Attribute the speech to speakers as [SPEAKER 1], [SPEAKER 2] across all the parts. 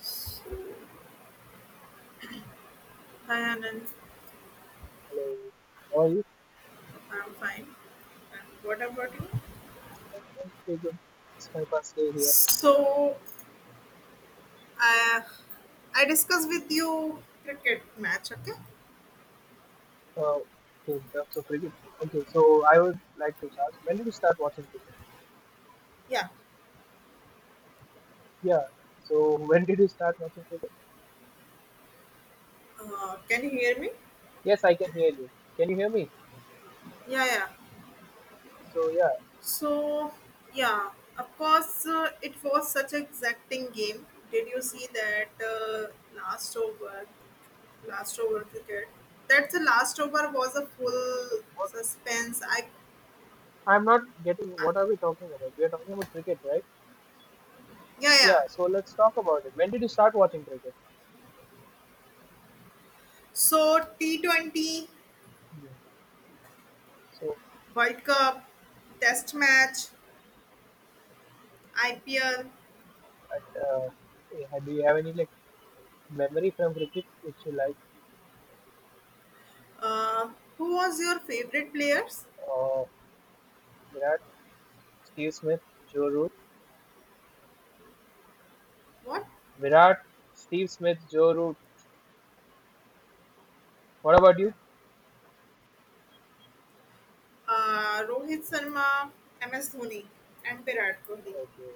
[SPEAKER 1] So, hi Anand,
[SPEAKER 2] Hello. Or you
[SPEAKER 1] I'm fine. And what about you?
[SPEAKER 2] can say good. It's my first day here.
[SPEAKER 1] So, uh, I discuss with you cricket match, okay?
[SPEAKER 2] Uh, okay, in terms of cricket. Okay, so I would like to ask, when did you start watching cricket?
[SPEAKER 1] Yeah.
[SPEAKER 2] Yeah. So when did you start watching cricket?
[SPEAKER 1] Can you hear me?
[SPEAKER 2] Yes, I can hear you. Can you hear me?
[SPEAKER 1] Yeah, yeah.
[SPEAKER 2] So yeah,
[SPEAKER 1] So, yeah, of course, it was such an exacting game. Did you see that last over cricket? That's the last over was a full
[SPEAKER 2] what,
[SPEAKER 1] suspense.
[SPEAKER 2] I'm not getting. What are we talking about? We are talking about cricket, right?
[SPEAKER 1] Yeah, yeah.
[SPEAKER 2] Yeah. So let's talk about it. When did you start watching cricket?
[SPEAKER 1] So T 20
[SPEAKER 2] Yeah. So
[SPEAKER 1] World Cup, Test match, IPL.
[SPEAKER 2] uh, yeah, do you have any like memory from cricket which you like?
[SPEAKER 1] Uh, who was your favorite players?
[SPEAKER 2] Uh, Virat, Steve Smith, Joe Root.
[SPEAKER 1] What?
[SPEAKER 2] Virat, Steve Smith, Joe Root. What about
[SPEAKER 1] Yeah.
[SPEAKER 2] you?
[SPEAKER 1] Rohit Sharma, MS Dhoni, and Virat Kohli.
[SPEAKER 2] Okay.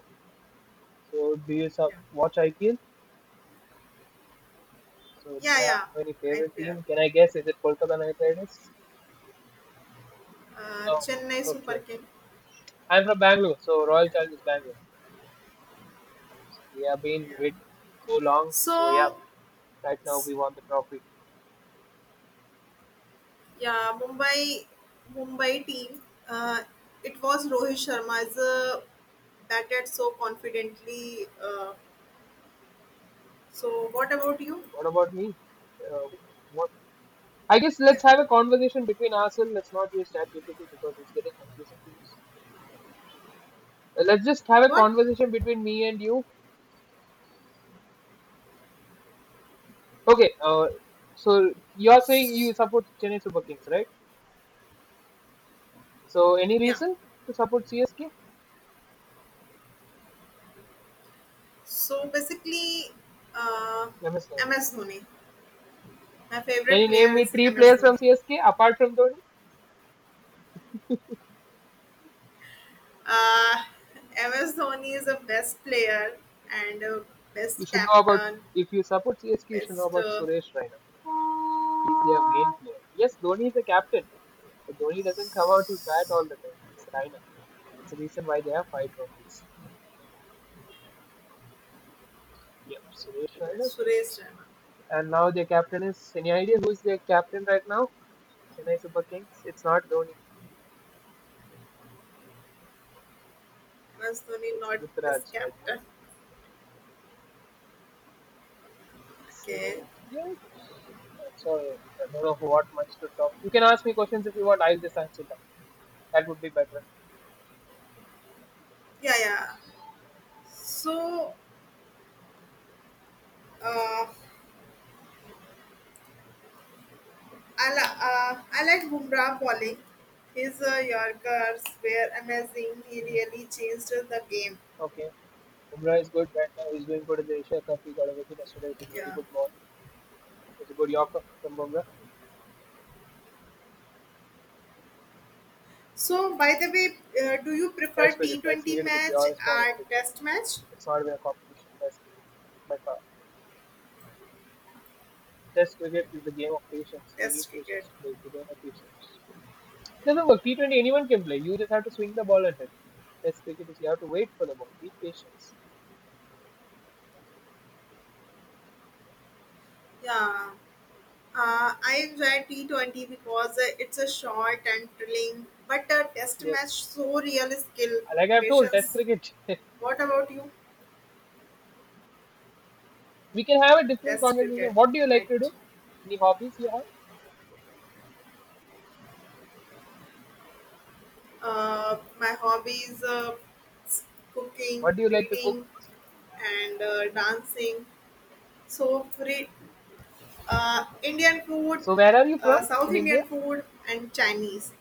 [SPEAKER 2] So do you
[SPEAKER 1] Yeah.
[SPEAKER 2] watch IPL? So do
[SPEAKER 1] Yeah,
[SPEAKER 2] you have
[SPEAKER 1] yeah.
[SPEAKER 2] any favorite
[SPEAKER 1] IPL.
[SPEAKER 2] team? Can I guess? Is it Kolkata Knight Riders? Oh,
[SPEAKER 1] Chennai
[SPEAKER 2] okay.
[SPEAKER 1] Super
[SPEAKER 2] okay.
[SPEAKER 1] King.
[SPEAKER 2] I'm from Bangalore, so Royal
[SPEAKER 1] Yeah,
[SPEAKER 2] Challengers Bangalore. So we have been
[SPEAKER 1] yeah.
[SPEAKER 2] waiting so long. So yeah,
[SPEAKER 1] So,
[SPEAKER 2] right now we
[SPEAKER 1] s-
[SPEAKER 2] won the trophy.
[SPEAKER 1] yeah, Mumbai team. Uh, it was Rohit Sharma is batted so confidently. What about you?
[SPEAKER 2] What about me? Uh, what? I guess
[SPEAKER 1] Yeah.
[SPEAKER 2] let's have a conversation between ourselves. Let's not use ChatGPT because it's getting confusing to use. Let's just have a
[SPEAKER 1] What?
[SPEAKER 2] conversation between me and you. Okay, so you are saying you support Chennai Super Kings, right? So any
[SPEAKER 1] Yeah.
[SPEAKER 2] reason to support CSK?
[SPEAKER 1] So basically, uh,
[SPEAKER 2] Let me see.
[SPEAKER 1] MS Dhoni. My
[SPEAKER 2] Can
[SPEAKER 1] favorite
[SPEAKER 2] you name
[SPEAKER 1] player
[SPEAKER 2] me
[SPEAKER 1] is
[SPEAKER 2] three
[SPEAKER 1] MS
[SPEAKER 2] players
[SPEAKER 1] Dhoni.
[SPEAKER 2] from CSK apart from Dhoni?
[SPEAKER 1] Uh, MS Dhoni is the best player and
[SPEAKER 2] You
[SPEAKER 1] best
[SPEAKER 2] should know about.
[SPEAKER 1] captain,
[SPEAKER 2] If you support CSK, you should know
[SPEAKER 1] best
[SPEAKER 2] about Suresh Raina. He's their main player. Yes, Dhoni is the captain, but Dhoni doesn't come out to bat all the time. It's Raina. It's the reason why they have five trophies. Yep, Suresh Raina.
[SPEAKER 1] Suresh Raina.
[SPEAKER 2] And now their captain is. Any idea who's their captain right now? Chennai Super Kings. It's not Dhoni.
[SPEAKER 1] MS Dhoni
[SPEAKER 2] It's
[SPEAKER 1] not his
[SPEAKER 2] Rutraj. guys.
[SPEAKER 1] captain.
[SPEAKER 2] So
[SPEAKER 1] Okay.
[SPEAKER 2] yeah. So I don't know what much to talk. You can ask me questions if you want. I'll just answer that. That would be better.
[SPEAKER 1] Yeah, yeah. So uh, I like Bumrah bowling. His Yorkers were amazing. He
[SPEAKER 2] Hmm.
[SPEAKER 1] really changed the game.
[SPEAKER 2] Okay. Umrah is good right now. He's doing good in the Asia Cup. He got a wicket yesterday. It was a very
[SPEAKER 1] Yeah.
[SPEAKER 2] good ball. It was a good Yorker from Bumrah.
[SPEAKER 1] So, by the way, do you prefer
[SPEAKER 2] Test cricket. Test
[SPEAKER 1] T20
[SPEAKER 2] cricket is the
[SPEAKER 1] match
[SPEAKER 2] purest form of
[SPEAKER 1] or
[SPEAKER 2] cricket.
[SPEAKER 1] Test match?
[SPEAKER 2] It's not even a competition. Test cricket by far. Test cricket is the game of patience. You need
[SPEAKER 1] Test cricket.
[SPEAKER 2] patience to play. If you don't have patience, doesn't work. T20 anyone can play. You just have to swing the ball at it. Test cricket is you have to wait for the ball. Be patient.
[SPEAKER 1] Yeah. I enjoy T20 because it's a short and thrilling, but a Test
[SPEAKER 2] Yes,
[SPEAKER 1] match so real skill,
[SPEAKER 2] like I've told, Test
[SPEAKER 1] patience.
[SPEAKER 2] cricket.
[SPEAKER 1] What about you?
[SPEAKER 2] We can have a different
[SPEAKER 1] Test cricket,
[SPEAKER 2] conversation. What do you
[SPEAKER 1] right?
[SPEAKER 2] like to do? Any hobbies you have?
[SPEAKER 1] My hobbies: s- cooking,
[SPEAKER 2] What do you like to cook?
[SPEAKER 1] reading, and dancing. So, re- Indian food,
[SPEAKER 2] So where are you from
[SPEAKER 1] South
[SPEAKER 2] in India?
[SPEAKER 1] Indian food, and Chinese.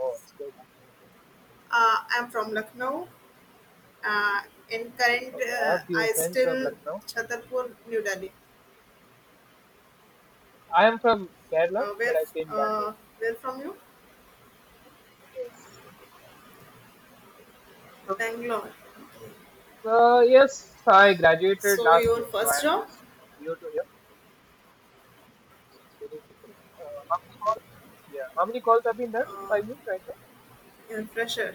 [SPEAKER 2] Oh, it's good.
[SPEAKER 1] I'm from Lucknow, uh, in current
[SPEAKER 2] Okay, I have few
[SPEAKER 1] I
[SPEAKER 2] friends from
[SPEAKER 1] still
[SPEAKER 2] Lucknow.
[SPEAKER 1] Chhatarpur, New Delhi.
[SPEAKER 2] I am from Kerala,
[SPEAKER 1] Uh,
[SPEAKER 2] but
[SPEAKER 1] where
[SPEAKER 2] I stay in Bangalore.
[SPEAKER 1] uh, where from you?
[SPEAKER 2] Yes. So
[SPEAKER 1] Bangalore.
[SPEAKER 2] yes, I graduated
[SPEAKER 1] So
[SPEAKER 2] last
[SPEAKER 1] your
[SPEAKER 2] year, so I
[SPEAKER 1] first
[SPEAKER 2] am
[SPEAKER 1] job,
[SPEAKER 2] just new to here. So it's very difficult. How many calls? Yeah, how many calls have been done by you right
[SPEAKER 1] you fresher.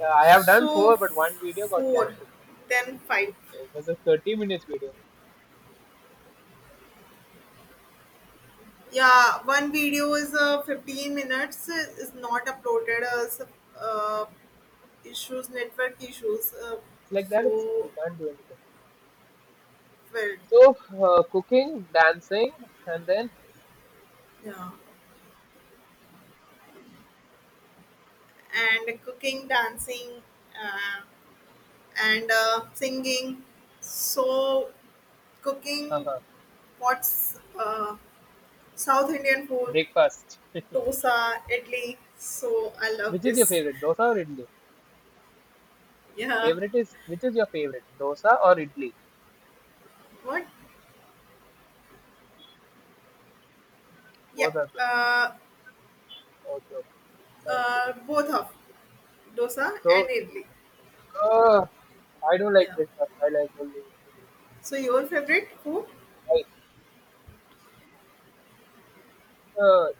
[SPEAKER 2] now? I have done
[SPEAKER 1] So f-
[SPEAKER 2] four, but one video got
[SPEAKER 1] four,
[SPEAKER 2] cancelled.
[SPEAKER 1] then five.
[SPEAKER 2] So it was a 30 minute minutes video.
[SPEAKER 1] Yeah, one video is 15 minutes is not uploaded as uh, issues network issues.
[SPEAKER 2] It's like that. It's,
[SPEAKER 1] So
[SPEAKER 2] you can't do anything.
[SPEAKER 1] Well,
[SPEAKER 2] So, cooking, dancing, and then
[SPEAKER 1] yeah. And cooking dancing uh, and singing so
[SPEAKER 2] uh
[SPEAKER 1] cooking what's South Indian food,
[SPEAKER 2] breakfast.
[SPEAKER 1] dosa, idli, so I love
[SPEAKER 2] Which is
[SPEAKER 1] this.
[SPEAKER 2] your favorite, dosa or idli?
[SPEAKER 1] Yeah,
[SPEAKER 2] Favorite is which is your favorite, dosa or idli?
[SPEAKER 1] what? Yeah.
[SPEAKER 2] Both are good. Okay, okay, sounds good.
[SPEAKER 1] Both of dosa and
[SPEAKER 2] So,
[SPEAKER 1] idli.
[SPEAKER 2] uh, I don't like
[SPEAKER 1] Yeah,
[SPEAKER 2] breakfast. I like only idli.
[SPEAKER 1] so your favorite food,
[SPEAKER 2] I uh,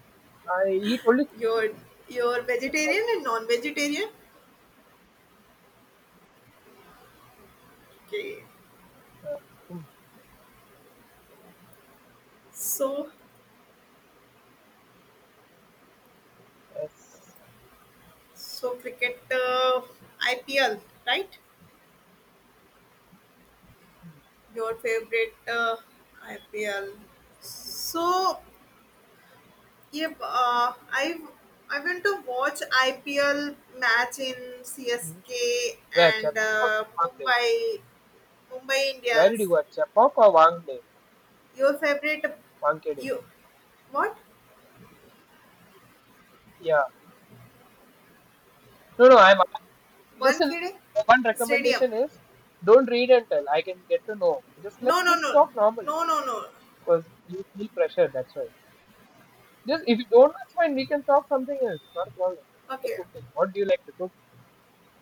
[SPEAKER 2] I eat only chicken.
[SPEAKER 1] your your
[SPEAKER 2] That's all.
[SPEAKER 1] vegetarian and non-vegetarian, okay,
[SPEAKER 2] Uh, mm,
[SPEAKER 1] so
[SPEAKER 2] yes.
[SPEAKER 1] so cricket, IPL, right? Your favorite IPL. So yeah. I went to watch IPL match in
[SPEAKER 2] Mhm.
[SPEAKER 1] CSK
[SPEAKER 2] Where
[SPEAKER 1] and
[SPEAKER 2] Chapak or Wangde?
[SPEAKER 1] Mumbai
[SPEAKER 2] Where did you
[SPEAKER 1] Indians.
[SPEAKER 2] go? Chapak or Wangde?
[SPEAKER 1] Your favorite,
[SPEAKER 2] Wangkede?
[SPEAKER 1] you, what?
[SPEAKER 2] Yeah. No, no. I'm
[SPEAKER 1] One
[SPEAKER 2] listen,
[SPEAKER 1] kidding?
[SPEAKER 2] one
[SPEAKER 1] Stadium.
[SPEAKER 2] recommendation is don't read and tell. I can get to know. Just
[SPEAKER 1] No,
[SPEAKER 2] let's
[SPEAKER 1] no, no,
[SPEAKER 2] just talk normally
[SPEAKER 1] no, no, no.
[SPEAKER 2] because you feel pressure, that's why. Just if you don't, that's fine. We can talk something else, not a problem. Like,
[SPEAKER 1] Okay,
[SPEAKER 2] cooking, what do you like to cook?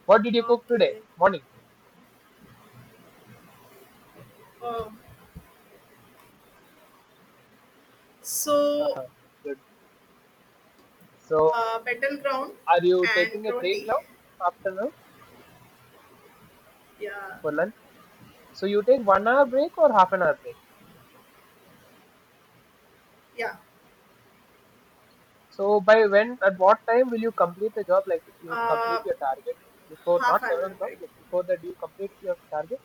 [SPEAKER 2] What did you cook today
[SPEAKER 1] okay.
[SPEAKER 2] morning?
[SPEAKER 1] Oh, so
[SPEAKER 2] Good. So
[SPEAKER 1] battleground
[SPEAKER 2] are you
[SPEAKER 1] and
[SPEAKER 2] taking a break
[SPEAKER 1] roti.
[SPEAKER 2] now, afternoon,
[SPEAKER 1] Yeah,
[SPEAKER 2] for lunch? So you take 1 hour break or half an hour break?
[SPEAKER 1] yeah.
[SPEAKER 2] So by when, at what time will you complete the job? Like you
[SPEAKER 1] Uh,
[SPEAKER 2] complete your target before,
[SPEAKER 1] Half
[SPEAKER 2] not
[SPEAKER 1] an
[SPEAKER 2] seven
[SPEAKER 1] hour
[SPEAKER 2] o'clock
[SPEAKER 1] break.
[SPEAKER 2] like before that do you complete your target?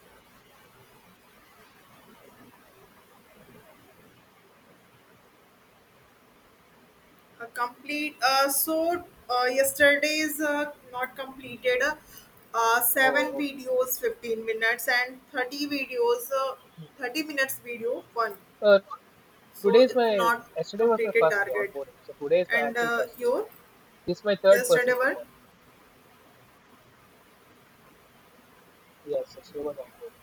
[SPEAKER 1] A complete. Yesterday's not completed. Seven
[SPEAKER 2] Oh,
[SPEAKER 1] videos, 15 minutes, and 30 videos,
[SPEAKER 2] okay.
[SPEAKER 1] 30 minutes video one.
[SPEAKER 2] Uh,
[SPEAKER 1] So
[SPEAKER 2] today is
[SPEAKER 1] it's
[SPEAKER 2] my
[SPEAKER 1] not
[SPEAKER 2] yesterday was my
[SPEAKER 1] completed
[SPEAKER 2] first day
[SPEAKER 1] target.
[SPEAKER 2] onboarding, so today is my
[SPEAKER 1] And
[SPEAKER 2] actual first day.
[SPEAKER 1] your
[SPEAKER 2] This is my third
[SPEAKER 1] yesterday
[SPEAKER 2] person to
[SPEAKER 1] were
[SPEAKER 2] call. Yes, yesterday was onboarding.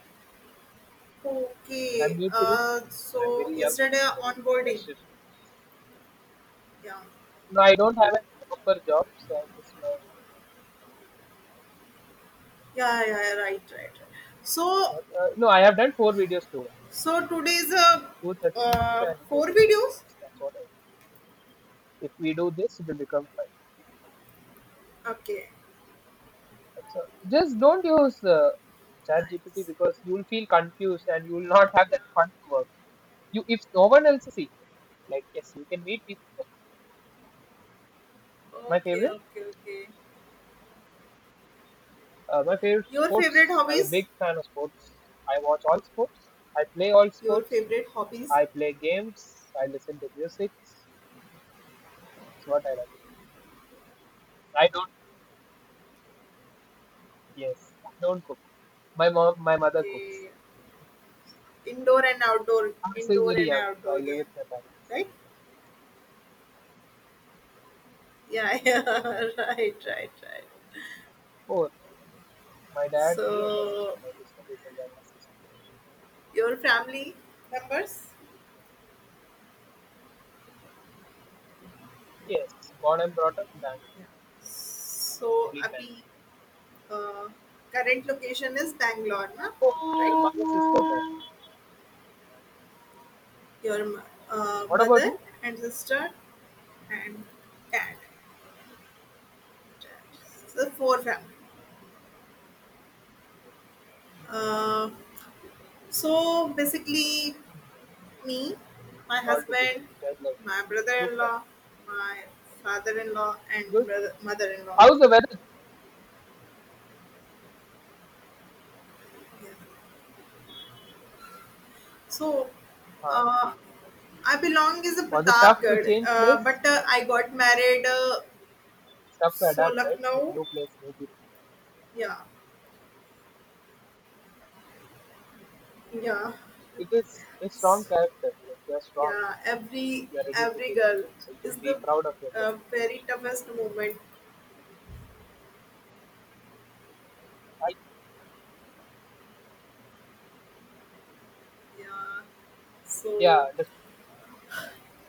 [SPEAKER 2] I'm
[SPEAKER 1] okay.
[SPEAKER 2] new to this. I'm very young,
[SPEAKER 1] Yesterday
[SPEAKER 2] very
[SPEAKER 1] onboarding.
[SPEAKER 2] precious.
[SPEAKER 1] Yeah.
[SPEAKER 2] No, I don't have a proper job, so I'm just my.
[SPEAKER 1] Yeah, yeah, yeah, right, right, right.
[SPEAKER 2] So,
[SPEAKER 1] So,
[SPEAKER 2] No, I have done four videos too,
[SPEAKER 1] so today's
[SPEAKER 2] 2 30 minutes and two
[SPEAKER 1] four
[SPEAKER 2] fifteen
[SPEAKER 1] videos.
[SPEAKER 2] minutes. That's what I. If we do this, it will become five.
[SPEAKER 1] Okay,
[SPEAKER 2] So just don't use GPT
[SPEAKER 1] nice.
[SPEAKER 2] because you will feel confused and you will not have that fun work. You, if no one else see, like, yes, you can meet people.
[SPEAKER 1] Yeah.
[SPEAKER 2] My
[SPEAKER 1] Okay,
[SPEAKER 2] favorite,
[SPEAKER 1] okay, okay.
[SPEAKER 2] my favorite
[SPEAKER 1] Your favorite
[SPEAKER 2] sports. I'm a
[SPEAKER 1] hobbies?
[SPEAKER 2] big fan of sports. I watch all sports. I play all
[SPEAKER 1] Your
[SPEAKER 2] sports.
[SPEAKER 1] favorite hobbies?
[SPEAKER 2] I play games. I listen to music. It's what I like. I don't. Yes, I don't cook. My mother cooks.
[SPEAKER 1] Okay. Indoor and outdoor,
[SPEAKER 2] I'm still
[SPEAKER 1] indoor
[SPEAKER 2] very
[SPEAKER 1] and
[SPEAKER 2] young, so I
[SPEAKER 1] outdoor
[SPEAKER 2] live
[SPEAKER 1] game,
[SPEAKER 2] with my parents.
[SPEAKER 1] right? Yeah, yeah, right, right, right.
[SPEAKER 2] Four. My dad, me, and my sister.
[SPEAKER 1] So,
[SPEAKER 2] My sister is a younger sister.
[SPEAKER 1] your family members?
[SPEAKER 2] Yes, born and brought up in Bangalore,
[SPEAKER 1] So,
[SPEAKER 2] complete Bangalore.
[SPEAKER 1] Abhi, uh, current location is Bangalore, na? Right?
[SPEAKER 2] Brother.
[SPEAKER 1] your m-
[SPEAKER 2] Yes. What about
[SPEAKER 1] mother
[SPEAKER 2] you?
[SPEAKER 1] and sister and dad. So four family. Uh, so basically, me, my
[SPEAKER 2] All together,
[SPEAKER 1] husband,
[SPEAKER 2] just like
[SPEAKER 1] my
[SPEAKER 2] group time.
[SPEAKER 1] brother-in-law, my father-in-law,
[SPEAKER 2] It's
[SPEAKER 1] and
[SPEAKER 2] good.
[SPEAKER 1] brother- mother-in-law.
[SPEAKER 2] How's the weather?
[SPEAKER 1] Yeah. So
[SPEAKER 2] Huh.
[SPEAKER 1] uh, I belong is a
[SPEAKER 2] Was it tough to
[SPEAKER 1] Pratapgarh,
[SPEAKER 2] change
[SPEAKER 1] uh,
[SPEAKER 2] place?
[SPEAKER 1] but uh, I got married.
[SPEAKER 2] It's tough to adapt, right? Like
[SPEAKER 1] Lucknow.
[SPEAKER 2] new place, new people.
[SPEAKER 1] Yeah, yeah.
[SPEAKER 2] It is a strong character. Like you're strong.
[SPEAKER 1] Yeah, every
[SPEAKER 2] You're ready to
[SPEAKER 1] every
[SPEAKER 2] take
[SPEAKER 1] girl
[SPEAKER 2] the change. So you
[SPEAKER 1] is
[SPEAKER 2] should be
[SPEAKER 1] the
[SPEAKER 2] proud of yourself.
[SPEAKER 1] very toughest moment.
[SPEAKER 2] I,
[SPEAKER 1] Yeah,
[SPEAKER 2] yeah,
[SPEAKER 1] so
[SPEAKER 2] just,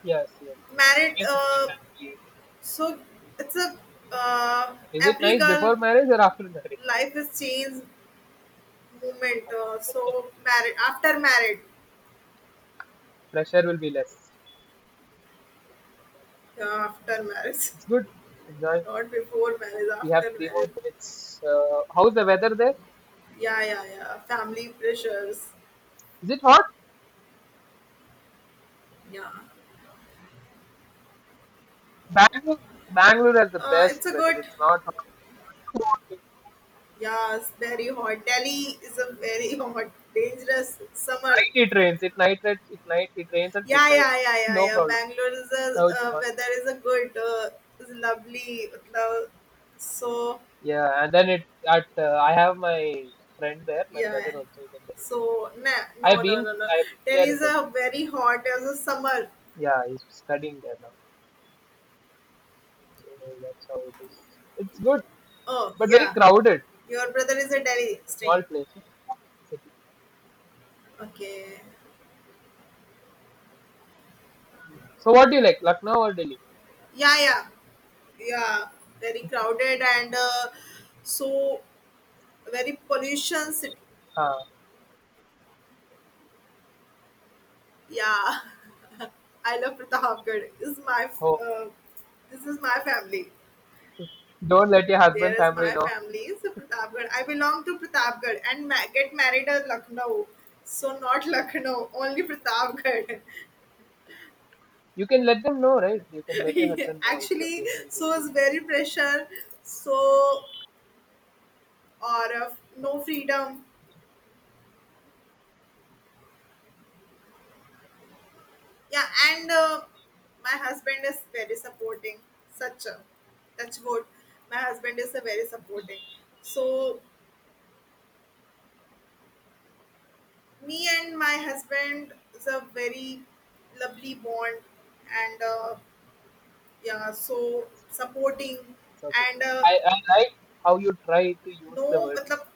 [SPEAKER 2] yes, yes.
[SPEAKER 1] married.
[SPEAKER 2] Think with your family.
[SPEAKER 1] So it's a uh,
[SPEAKER 2] Is it
[SPEAKER 1] every
[SPEAKER 2] nice
[SPEAKER 1] girl
[SPEAKER 2] before marriage or after marriage?
[SPEAKER 1] life is changed moment. So married after married,
[SPEAKER 2] Pressure will be less.
[SPEAKER 1] yeah, after marriage,
[SPEAKER 2] It's good. Enjoy.
[SPEAKER 1] not before marriage,
[SPEAKER 2] We have
[SPEAKER 1] after
[SPEAKER 2] three more
[SPEAKER 1] marriage.
[SPEAKER 2] minutes. How's the weather there?
[SPEAKER 1] Yeah, yeah, yeah. Family pressures.
[SPEAKER 2] Is it hot?
[SPEAKER 1] Yeah,
[SPEAKER 2] Bangalore, Bangalore has the best
[SPEAKER 1] it's a
[SPEAKER 2] weather.
[SPEAKER 1] good.
[SPEAKER 2] It's not hot.
[SPEAKER 1] Yes, very hot. Delhi is a very hot, dangerous summer.
[SPEAKER 2] Night it rains. It rains at
[SPEAKER 1] Yeah,
[SPEAKER 2] midnight.
[SPEAKER 1] yeah, yeah, yeah,
[SPEAKER 2] No
[SPEAKER 1] yeah.
[SPEAKER 2] problem.
[SPEAKER 1] Bangalore is a
[SPEAKER 2] Oh, it's fun.
[SPEAKER 1] weather is a good, is lovely. मतलब, So
[SPEAKER 2] Yeah, and then it at I have my friend there. My brother
[SPEAKER 1] yeah,
[SPEAKER 2] also is in Delhi.
[SPEAKER 1] nah, no, no, no, no.
[SPEAKER 2] I've been
[SPEAKER 1] Delhi
[SPEAKER 2] there in
[SPEAKER 1] is
[SPEAKER 2] Delhi.
[SPEAKER 1] a very hot as a summer.
[SPEAKER 2] Yeah, he's studying there now. So that's how it is. It's good,
[SPEAKER 1] Oh
[SPEAKER 2] but very
[SPEAKER 1] yeah,
[SPEAKER 2] crowded.
[SPEAKER 1] your brother is a Delhi string.
[SPEAKER 2] Small place, no? City.
[SPEAKER 1] Okay.
[SPEAKER 2] So what do you like, Lucknow or Delhi?
[SPEAKER 1] Yeah, yeah, yeah. Very crowded and so very pollution city.
[SPEAKER 2] Huh.
[SPEAKER 1] Yeah, I love Pratapgarh. This is my
[SPEAKER 2] Oh,
[SPEAKER 1] uh, this is my family.
[SPEAKER 2] don't let your husband
[SPEAKER 1] There is
[SPEAKER 2] family
[SPEAKER 1] my
[SPEAKER 2] know.
[SPEAKER 1] family. So Pratapgarh. I belong to Pratapgarh and get married at Lucknow. So not Lucknow, only Pratapgarh.
[SPEAKER 2] You can let them know, right? You can let your husband know if you're
[SPEAKER 1] Actually,
[SPEAKER 2] facing an
[SPEAKER 1] so
[SPEAKER 2] issue.
[SPEAKER 1] it's very pressure. So or no freedom. Yeah, and my husband is very supporting. Such a touch wood. My husband is a very supporting. So me and my husband is a very lovely bond and yeah so supporting
[SPEAKER 2] It's okay.
[SPEAKER 1] and
[SPEAKER 2] I like how you try to use
[SPEAKER 1] no
[SPEAKER 2] the words.
[SPEAKER 1] matlab,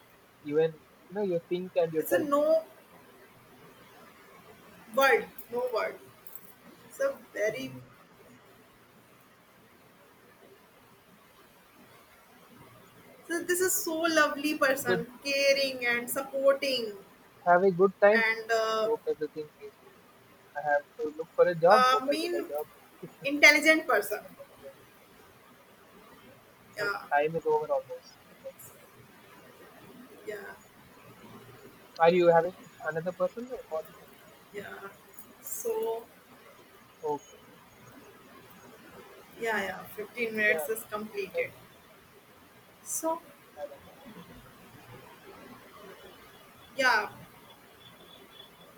[SPEAKER 2] Even you know you think and you
[SPEAKER 1] it's a
[SPEAKER 2] tell.
[SPEAKER 1] no word no word it's a very
[SPEAKER 2] Hmm. It's
[SPEAKER 1] so this is so lovely
[SPEAKER 2] good.
[SPEAKER 1] person caring and supporting
[SPEAKER 2] Have a good time.
[SPEAKER 1] and
[SPEAKER 2] Hope everything is good. I have to look for a job. Hope I get a
[SPEAKER 1] mean
[SPEAKER 2] job.
[SPEAKER 1] intelligent person.
[SPEAKER 2] So
[SPEAKER 1] Yeah,
[SPEAKER 2] time is over almost.
[SPEAKER 1] yeah,
[SPEAKER 2] Are you having another person? Or what?
[SPEAKER 1] yeah, so
[SPEAKER 2] Okay.
[SPEAKER 1] yeah, yeah, 15 minutes
[SPEAKER 2] Yeah.
[SPEAKER 1] is
[SPEAKER 2] Thank
[SPEAKER 1] completed, so
[SPEAKER 2] you.
[SPEAKER 1] yeah.